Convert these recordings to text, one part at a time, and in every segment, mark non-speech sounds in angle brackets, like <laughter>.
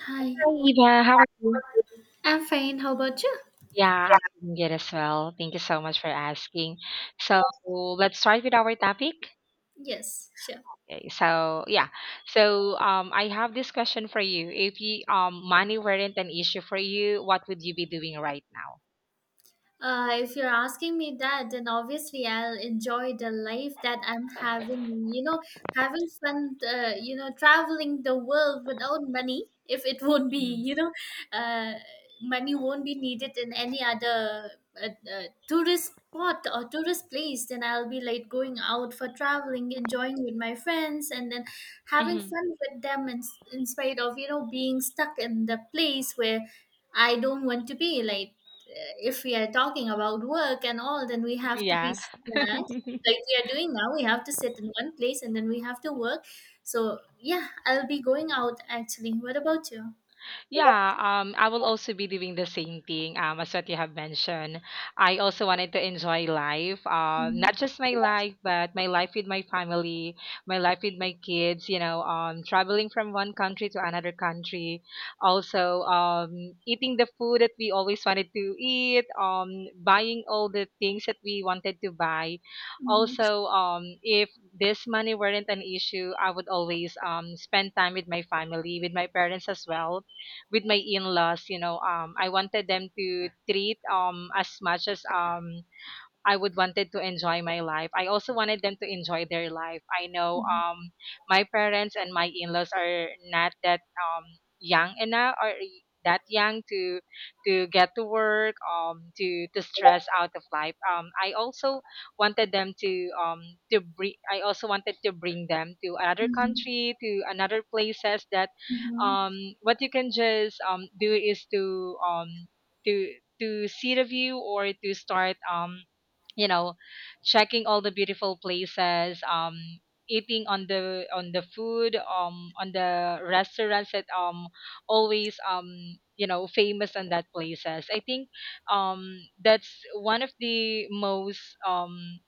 Hi, Hi, Eva. How are you? I'm fine. How about you? Yeah, I'm doing good as well. Thank you so much for asking. So let's start with our topic. Yes, sure. Okay, so yeah, I have this question for you. If you, money weren't an issue for you, what would you be doing right now? If you're asking me that, then obviously I'll enjoy the life that I'm having. Having fun, traveling the world without money, if it won't be, hmm uh, money won't be needed in any other tourist spot or tourist place. Then I'll be like going out for traveling, enjoying with my friends, and then having hmm fun with them in spite of, being stuck in the place where I don't want to be. Like, if we are talking about work and all, then we have to be, Yeah. yeah, like <laughs> we are doing now. We have to sit in one place and then we have to work. So yeah, I'll be going out actually. What about you? Yeah, I will also be doing the same thing as what you have mentioned. I also wanted to enjoy life, Mhm. not just my life, but my life with my family, my life with my kids, you know, traveling from one country to another country. Also, eating the food that we always wanted to eat, buying all the things that we wanted to buy. Mhm. Also, if this money weren't an issue, I would always spend time with my family, with my parents as well, with my in-laws, you know, I wanted them to treat as much as I would wanted to enjoy my life. I also wanted them to enjoy their life. I know, Mhm. My parents and my in-laws are not that young enough or that young to get to work, to stress out of life. I also wanted them to bring I also wanted to bring them to another country, to another places. That Mhm. um what you can just do is to to see the view, or to start, you know, checking all the beautiful places, eating on the food, on the restaurants that always you know, famous in that places. I think, um that's one of the most,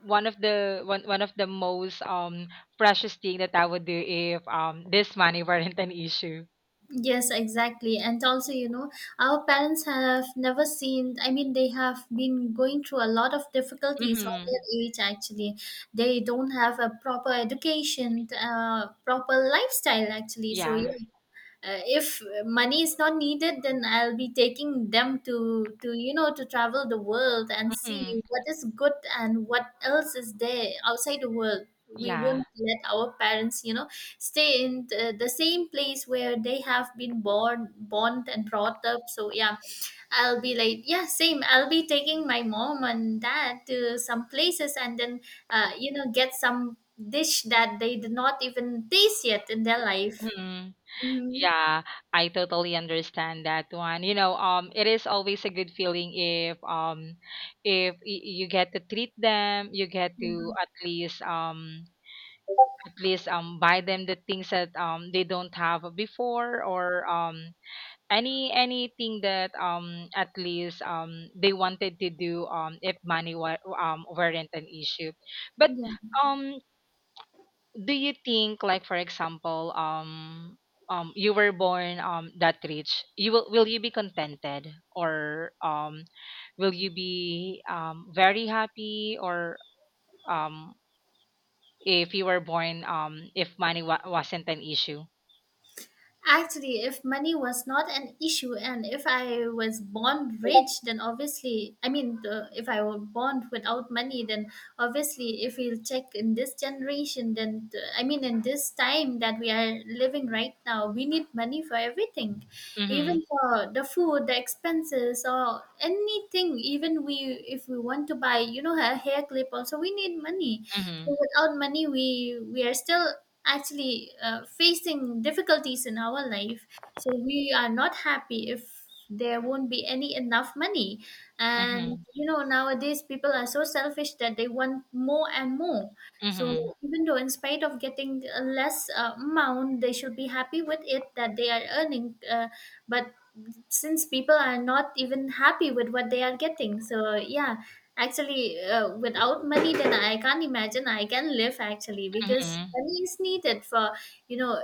one of the most, precious thing that I would do if this money <laughs> weren't an issue. Yes, exactly. And also, our parents have never seen, I mean, they have been going through a lot of difficulties on their Mm-hmm. age, actually. They don't have a proper education, proper lifestyle, actually. So, Yeah. yeah, if money is not needed, then I'll be taking them to to travel the world and see Mm-hmm. what is good and what else is there outside the world. We Yeah. won't let our parents, stay in the same place where they have been born and brought up. So yeah, I'll be like, yeah, same, I'll be taking my mom and dad to some places and then get some dish that they did not even taste yet in their life. Mm-hmm. Mhm. Yeah, I totally understand that one. You know, it is always a good feeling if, if you get to treat them, you get Yeah. to at least, at least, buy them the things that they don't have before, or anything that, at least, they wanted to do, if money weren't an issue. But, Yeah. um do you think like, for example, you were born, that rich, you will you be contented, or will you be, very happy, or um if you were born, if money wasn't an issue? Actually, if money was not an issue and if I was born rich, then obviously, I mean, if I were born without money, then obviously, if we'll check in this generation, then I mean, in this time that we are living right now, we need money for everything, Mhm. even for the food, the expenses, or anything. If we want to buy, a hair clip, also we need money. Mhm. So without money, we are still, actually, facing difficulties in our life. So we are not happy if there won't be any enough money. And Mhm. Nowadays people are so selfish that they want more and more. So Mhm. even though in spite of getting a less, amount, they should be happy with it that they are earning. But since people are not even happy with what they are getting, so yeah. Actually, without money, then I can't imagine I can live, actually, because Mhm. money is needed for, you know,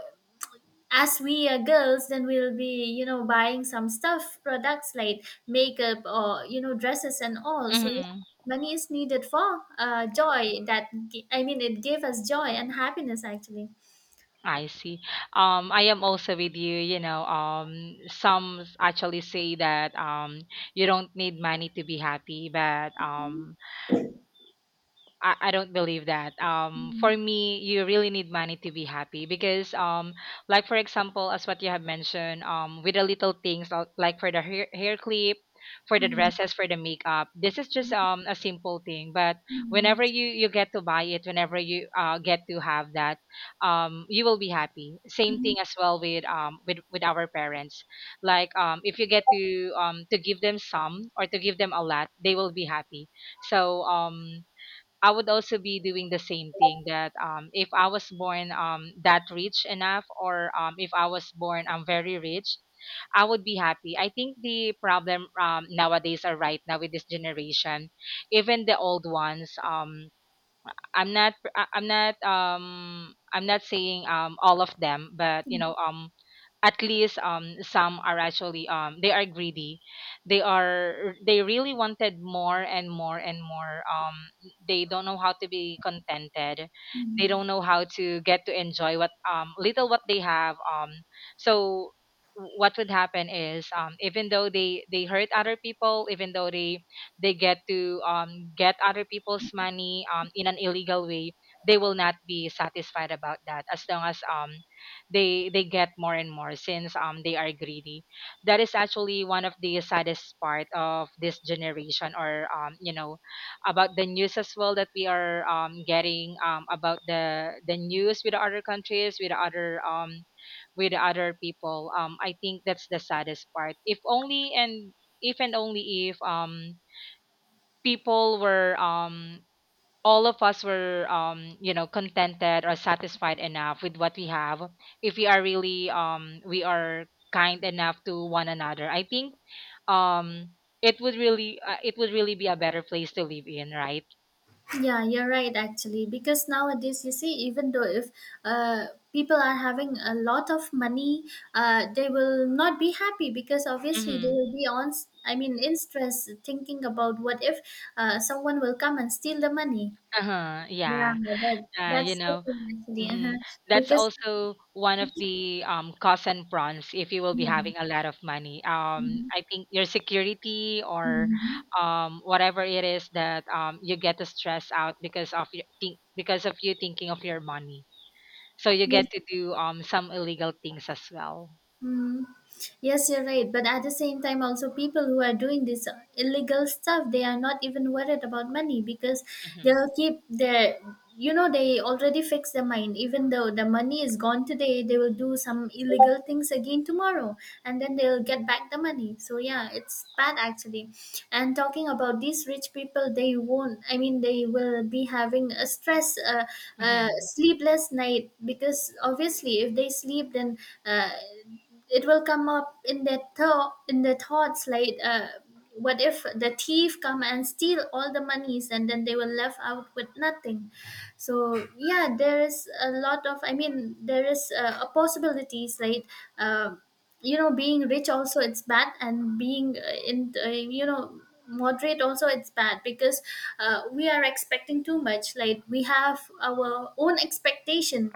as we are girls, then we'll be, buying some stuff, products like makeup or, dresses and all. So, yeah, Mhm. money is needed for joy that, I mean, it gave us joy and happiness, actually. I see. I am also with you. You know, some actually say that, you don't need money to be happy, but, I don't believe that. For Mhm. me, you really need money to be happy because, like for example, as what you have mentioned, with the little things, like for the hair clip, for the Mhm. dresses, for the makeup. This is just a simple thing. But whenever Mhm. You get to buy it, whenever you get to have that, you will be happy. Same Mhm. thing as well with, with our parents. Like, if you get to give them some, or to give them a lot, they will be happy. So, I would also be doing the same thing that, if I was born, that rich enough, or if I was born, very rich, I would be happy. I think the problem, nowadays or right now with this generation, even the old ones, I'm not saying, all of them, but you know, at least some are actually, they are greedy. They are, they really wanted more and more and more. They don't know how to be contented, they Mhm. don't know how to get to enjoy what, little what they have. So what would happen is, even though they hurt other people, even though they get to, get other people's money in an illegal way, they will not be satisfied about that, as long as, they get more and more, since they are greedy. That is actually one of the saddest part of this generation, or you know, about the news as well, that we are, getting, about the news with other countries, with other, with other people. I think that's the saddest part. If only, and if and only if, people were, all of us were, you know, contented or satisfied enough with what we have, if we are really, we are kind enough to one another, I think, um it would really, it would really be a better place to live in, right? Yeah, you're right, actually, because nowadays you see, even though if uh, people are having a lot of money, they will not be happy because obviously they Mm-hmm. will be on I mean, in stress, thinking about what if someone will come and steal the money. Uh-huh. Yeah, Yeah. that uh you that's the know thing, actually. Mhm. Uh-huh. That's Because, also one of the, cons and pros if you will be yeah. having a lot of money. Hmm. I think your security, or Hmm. Whatever it is that, you get to stress out because of your think because of you thinking of your money. So you Yeah. get to do, some illegal things as well. Mm. Yes, you're right. But at the same time, also people who are doing this illegal stuff, they are not even worried about money because Mm-hmm. they'll keep their, you know, they already fix their mind. Even though the money is gone today, they will do some illegal things again tomorrow, and then they'll get back the money. So yeah, it's bad, actually. And talking about these rich people, they won't. I mean, they will be having a stress, Mm-hmm. sleepless night because obviously, if they sleep, then. Uh, it will come up in their thought in their thoughts like, what if the thief come and steal all the monies and then they were left out with nothing. So yeah, there is a lot of, I mean, there is a possibilities like, uh, being rich, also it's bad, and being in moderate, also it's bad because we are expecting too much, like we have our own expectation.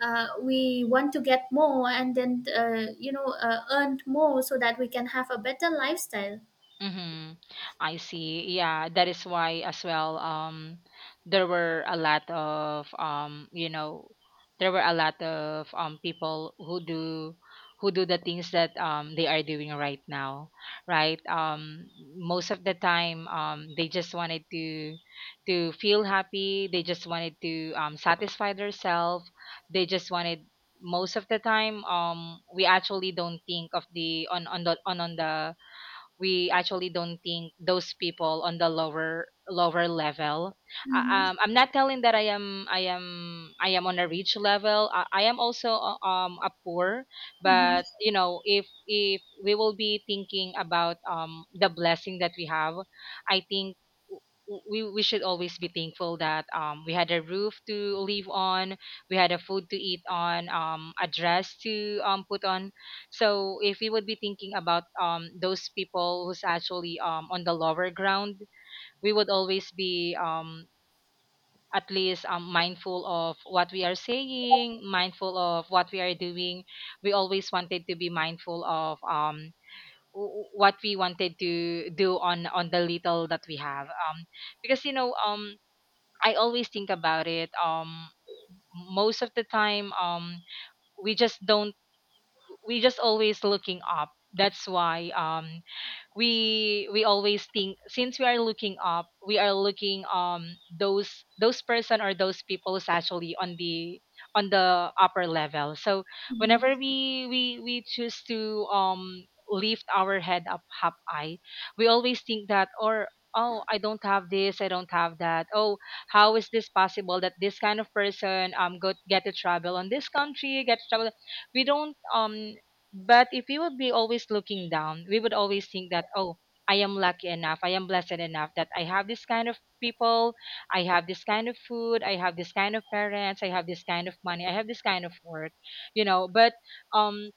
We want to get more and then, earn more so that we can have a better lifestyle. Mm-hmm. I see. Yeah, that is why as well, there were a lot of, you know, there were a lot of, people who do, the things that, they are doing right now, right? Um, most of the time, they just wanted to feel happy, they just wanted to, satisfy themselves. They just wanted, most of the time, we actually don't think of the, on the on the we actually don't think those people on the lower level. Hmm. I'm not telling that I am on a rich level. I am also, a poor. But you know, if, we will be thinking about, the blessing that we have, I think, we should always be thankful that, we had a roof to live on, we had a food to eat on, a dress to, put on. So if we would be thinking about, those people who's actually, on the lower ground, we would always be, at least, mindful of what we are saying, mindful of what we are doing. We always wanted to be mindful of, what we wanted to do on, the little that we have. Because you know, I always think about it, most of the time, we just don't, we just always looking up. That's why, we always think, since we are looking up, we are looking, those person, or those people who's actually on the, on the upper level. So Hmm. whenever we choose to, lift our head up half high, we always think that, or, oh, I don't have this, I don't have that. Oh, how is this possible that this kind of person, go get to travel on this country, get to travel? We don't, but if we would be always looking down, we would always think that, oh, I am lucky enough, I am blessed enough, that I have this kind of people, I have this kind of food, I have this kind of parents, I have this kind of money, I have this kind of work, you know. But, um,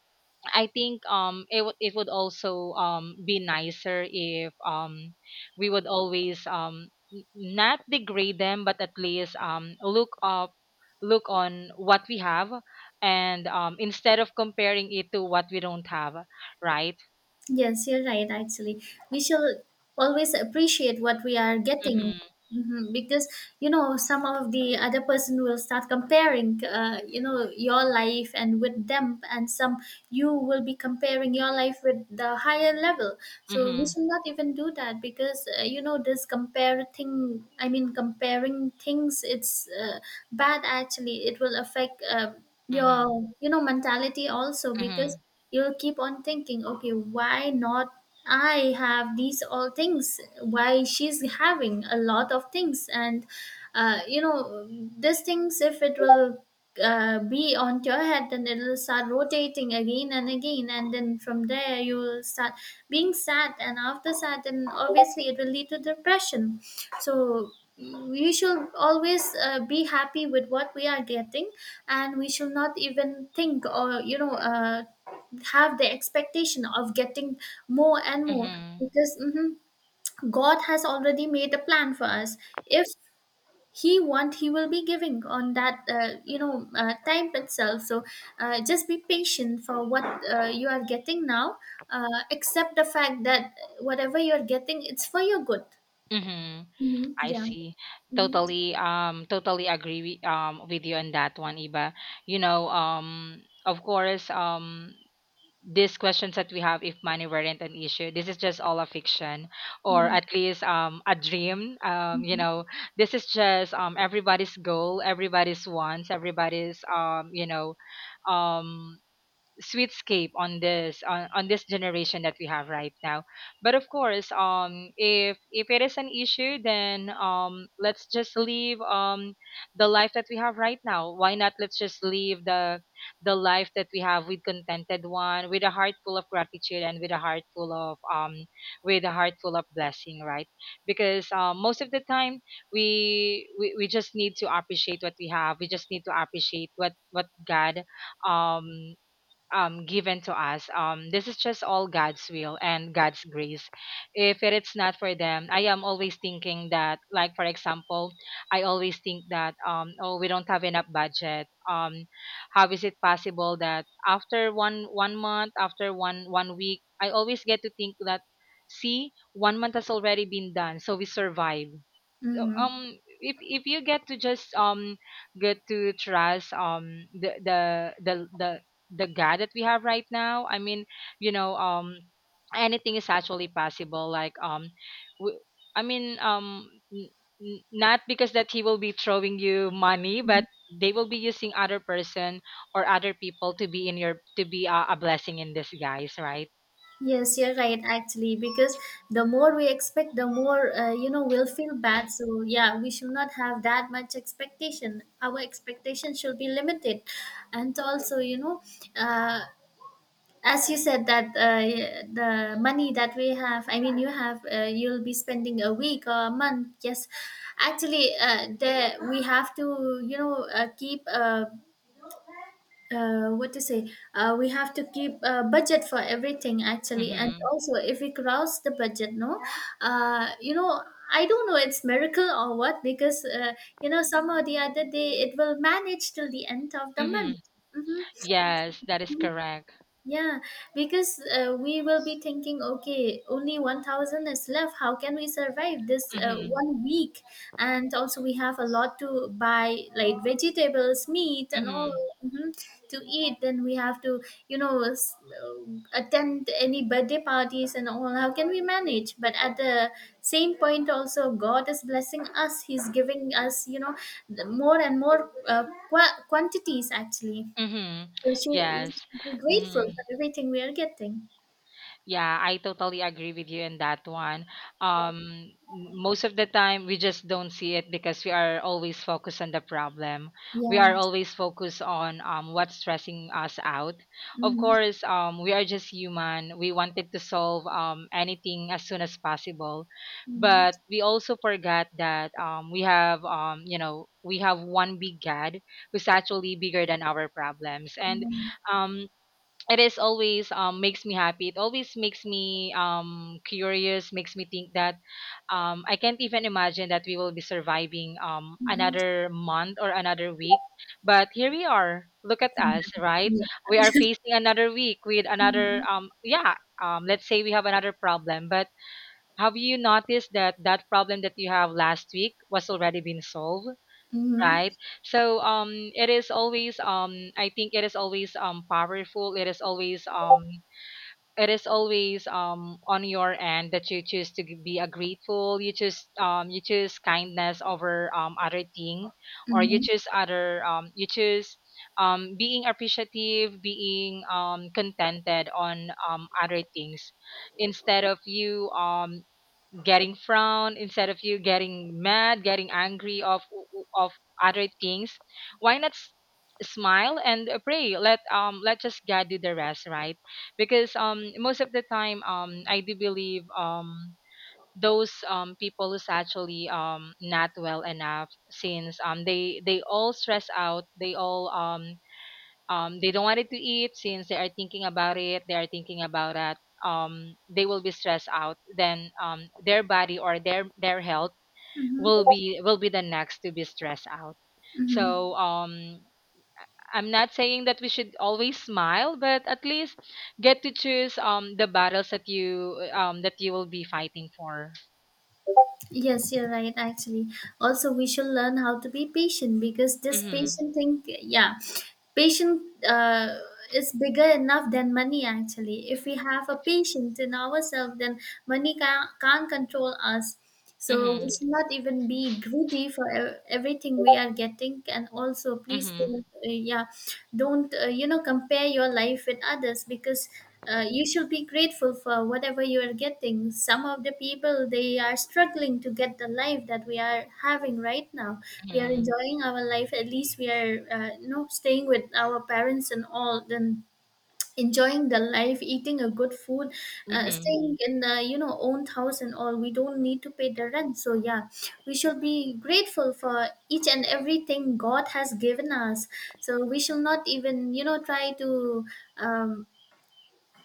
I think, it would, also, be nicer if, we would always, not degrade them, but at least, look up, look on what we have, and, instead of comparing it to what we don't have, right? Yes, you're right, actually. We shall always appreciate what we are getting. Mhm. Mhm. Because, some of the other person will start comparing, your life and with them, and some, you will be comparing your life with the higher level. So we Mhm. should not even do that because, this compare thing, I mean, comparing things, it's bad, actually. It will affect Mhm. your, mentality also because mhm you'll keep on thinking, okay, why not? I have these all things, why she's having a lot of things? And uh, you know these things, if it will be on your head, then it'll start rotating again and again, and then from there you will start being sad, and after sad then obviously it will lead to depression. So we should always be happy with what we are getting, and we should not even think or have the expectation of getting more and more mhm because God has already made a plan for us. If he want, he will be giving on that, time itself. So just be patient for what you are getting now. Accept the fact that whatever you are getting, it's for your good. mhm Hmm. I Yeah. see. Hmm. Totally, totally agree with you on that one, Iba. You know, of course, these questions that we have, if money weren't an issue, this is just all a fiction, or Yeah. at least, a dream, you know, this is just, everybody's goal, everybody's wants, everybody's, you know, um sweet scape on on this generation that we have right now. But of course, if, it is an issue, then, let's just leave, the life that we have right now. Why not, let's just leave the, life that we have, with contented one, with a heart full of gratitude, and with a heart full of, with a heart full of blessing, right? Because, most of the time, we just need to appreciate what we have. We just need to appreciate what, God, um given to us. This is just all God's will and God's grace. If it is not for them, I am always thinking that, like for example, I always think that, oh, we don't have enough budget. How is it possible that after one month, after one week, I always get to think that, see, one month has already been done, so we survive. So, Hmm. If you get to just get to trust the the guy that we have right now, I mean, you know um anything is actually possible, like w- i mean um n- not because that he will be throwing you money, Hmm. but they will be using other person or other people to be in your, to be a blessing in disguise, right? Yes, you're right, actually, because the more we expect, the more, we'll feel bad. So, yeah, we should not have that much expectation. Our expectation should be limited. And also, uh, as you said, that the money that we have, I mean, you have, you'll be spending a week or a month. Yes, actually, there we have to, keep. What to say, we have to keep a budget for everything, actually, and Mhm. also if we cross the budget, no, uh, you know I don't know, it's miracle or what because somehow the other day it will manage till the end of the month. Mhm. Mhm. Yes, that is correct. Yeah, because we will be thinking, okay, only 1,000 is left. How can we survive this Mhm. one week? And also, we have a lot to buy, like vegetables, meat, and all, Mhm. mhm, to eat. Then we have to, you know, s- uh, attend any birthday parties and all. How can we manage? But at the same point, also, God is blessing us. He's giving us, the more and more quantities, actually. Mhm. We Yes. should be grateful Mhm. for everything we are getting. Yeah, I totally agree with you in that one. Um, Most of the time, we just don't see it because we are always focused on the problem. We Yeah. are always focused on what's stressing us out. Of Mm-hmm. course, we are just human. We wanted to solve anything as soon as possible, but we also forgot that we have, we have one big God who's actually bigger than our problems. And Mm-hmm. um, it is always makes me happy. It always makes me curious, makes me think that I can't even imagine that we will be surviving Mm-hmm. another month or another week. But here we are. Look at us, Mm-hmm. right? Yeah. We are facing another week with another, Mm-hmm. Yeah, let's say we have another problem. But have you noticed that that problem that you have last week was already been solved? Mm-hmm. Right. So it is always I think it is always powerful, it is always on your end that you choose to be a grateful, you choose kindness over other thing, or you Mm-hmm. choose other you choose being appreciative, being contented on other things, instead of you getting frown, instead of you getting mad, getting angry of of other things. Why not smile and pray, let let just God do the rest, right? Because most of the time I do believe those people who's actually not well enough, since they all stress out, they all they don't want it to eat since they are thinking about it, they are thinking about that. They will be stressed out. Then their body or their health will Mm-hmm. be, will be the next to be stressed out. Mm-hmm. So, I'm not saying that we should always smile, but at least get to choose the battles that you will be fighting for. Yes, you're right, actually. Also, we should learn how to be patient because this Mhm. patient thing, yeah, patient, is bigger enough than money, actually. If we have a patient in ourselves, then money can't control us. So we Mhm. should not even be greedy for everything we are getting. And also, please, Mhm. don't, compare your life with others because you should be grateful for whatever you are getting. Some of the people, they are struggling to get the life that we are having right now. We are Mhm. enjoying our life. At least we are, staying with our parents and all, then enjoying the life, eating a good food, Mhm. staying in the, own house and all. We don't need to pay the rent, so yeah, we should be grateful for each and everything God has given us. So we shall not even, try to um,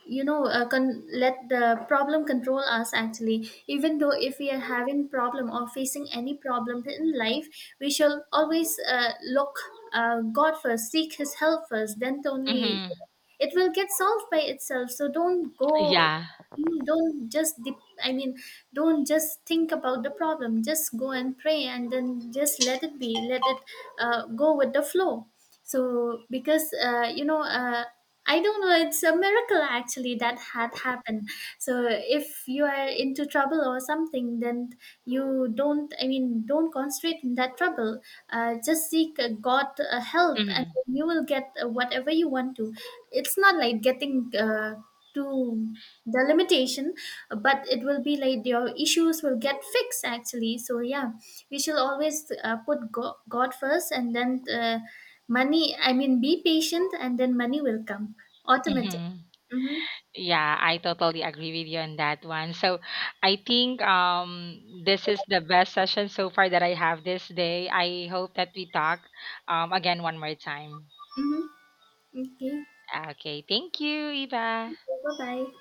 let the problem control us, actually. Even though if we are having problem or facing any problem in life, we shall always look, God first, seek his help first, then only Mhm. it will get solved by itself. So don't go. Yeah. Mm. Don't just I mean, don't just think about the problem, just go and pray and then just let it be, let it go with the flow. So, because, I don't know, it's a miracle actually that had happened. So, if you are into trouble or something, then you don't, I mean, don't concentrate in that trouble. Just seek God help, and Mhm. then you will get whatever you want to. It's not like getting to the limitation, but it will be like your issues will get fixed, actually. So, yeah, we should always, put God first and then money, I mean, be patient and then money will come automatic. Mhm. Mm-hmm. Yeah, I totally agree with you on that one. So I think this is the best session so far that I have this day. I hope that we talk again one more time. Mm-hmm. Okay. Okay, thank you, Eva. Bye bye.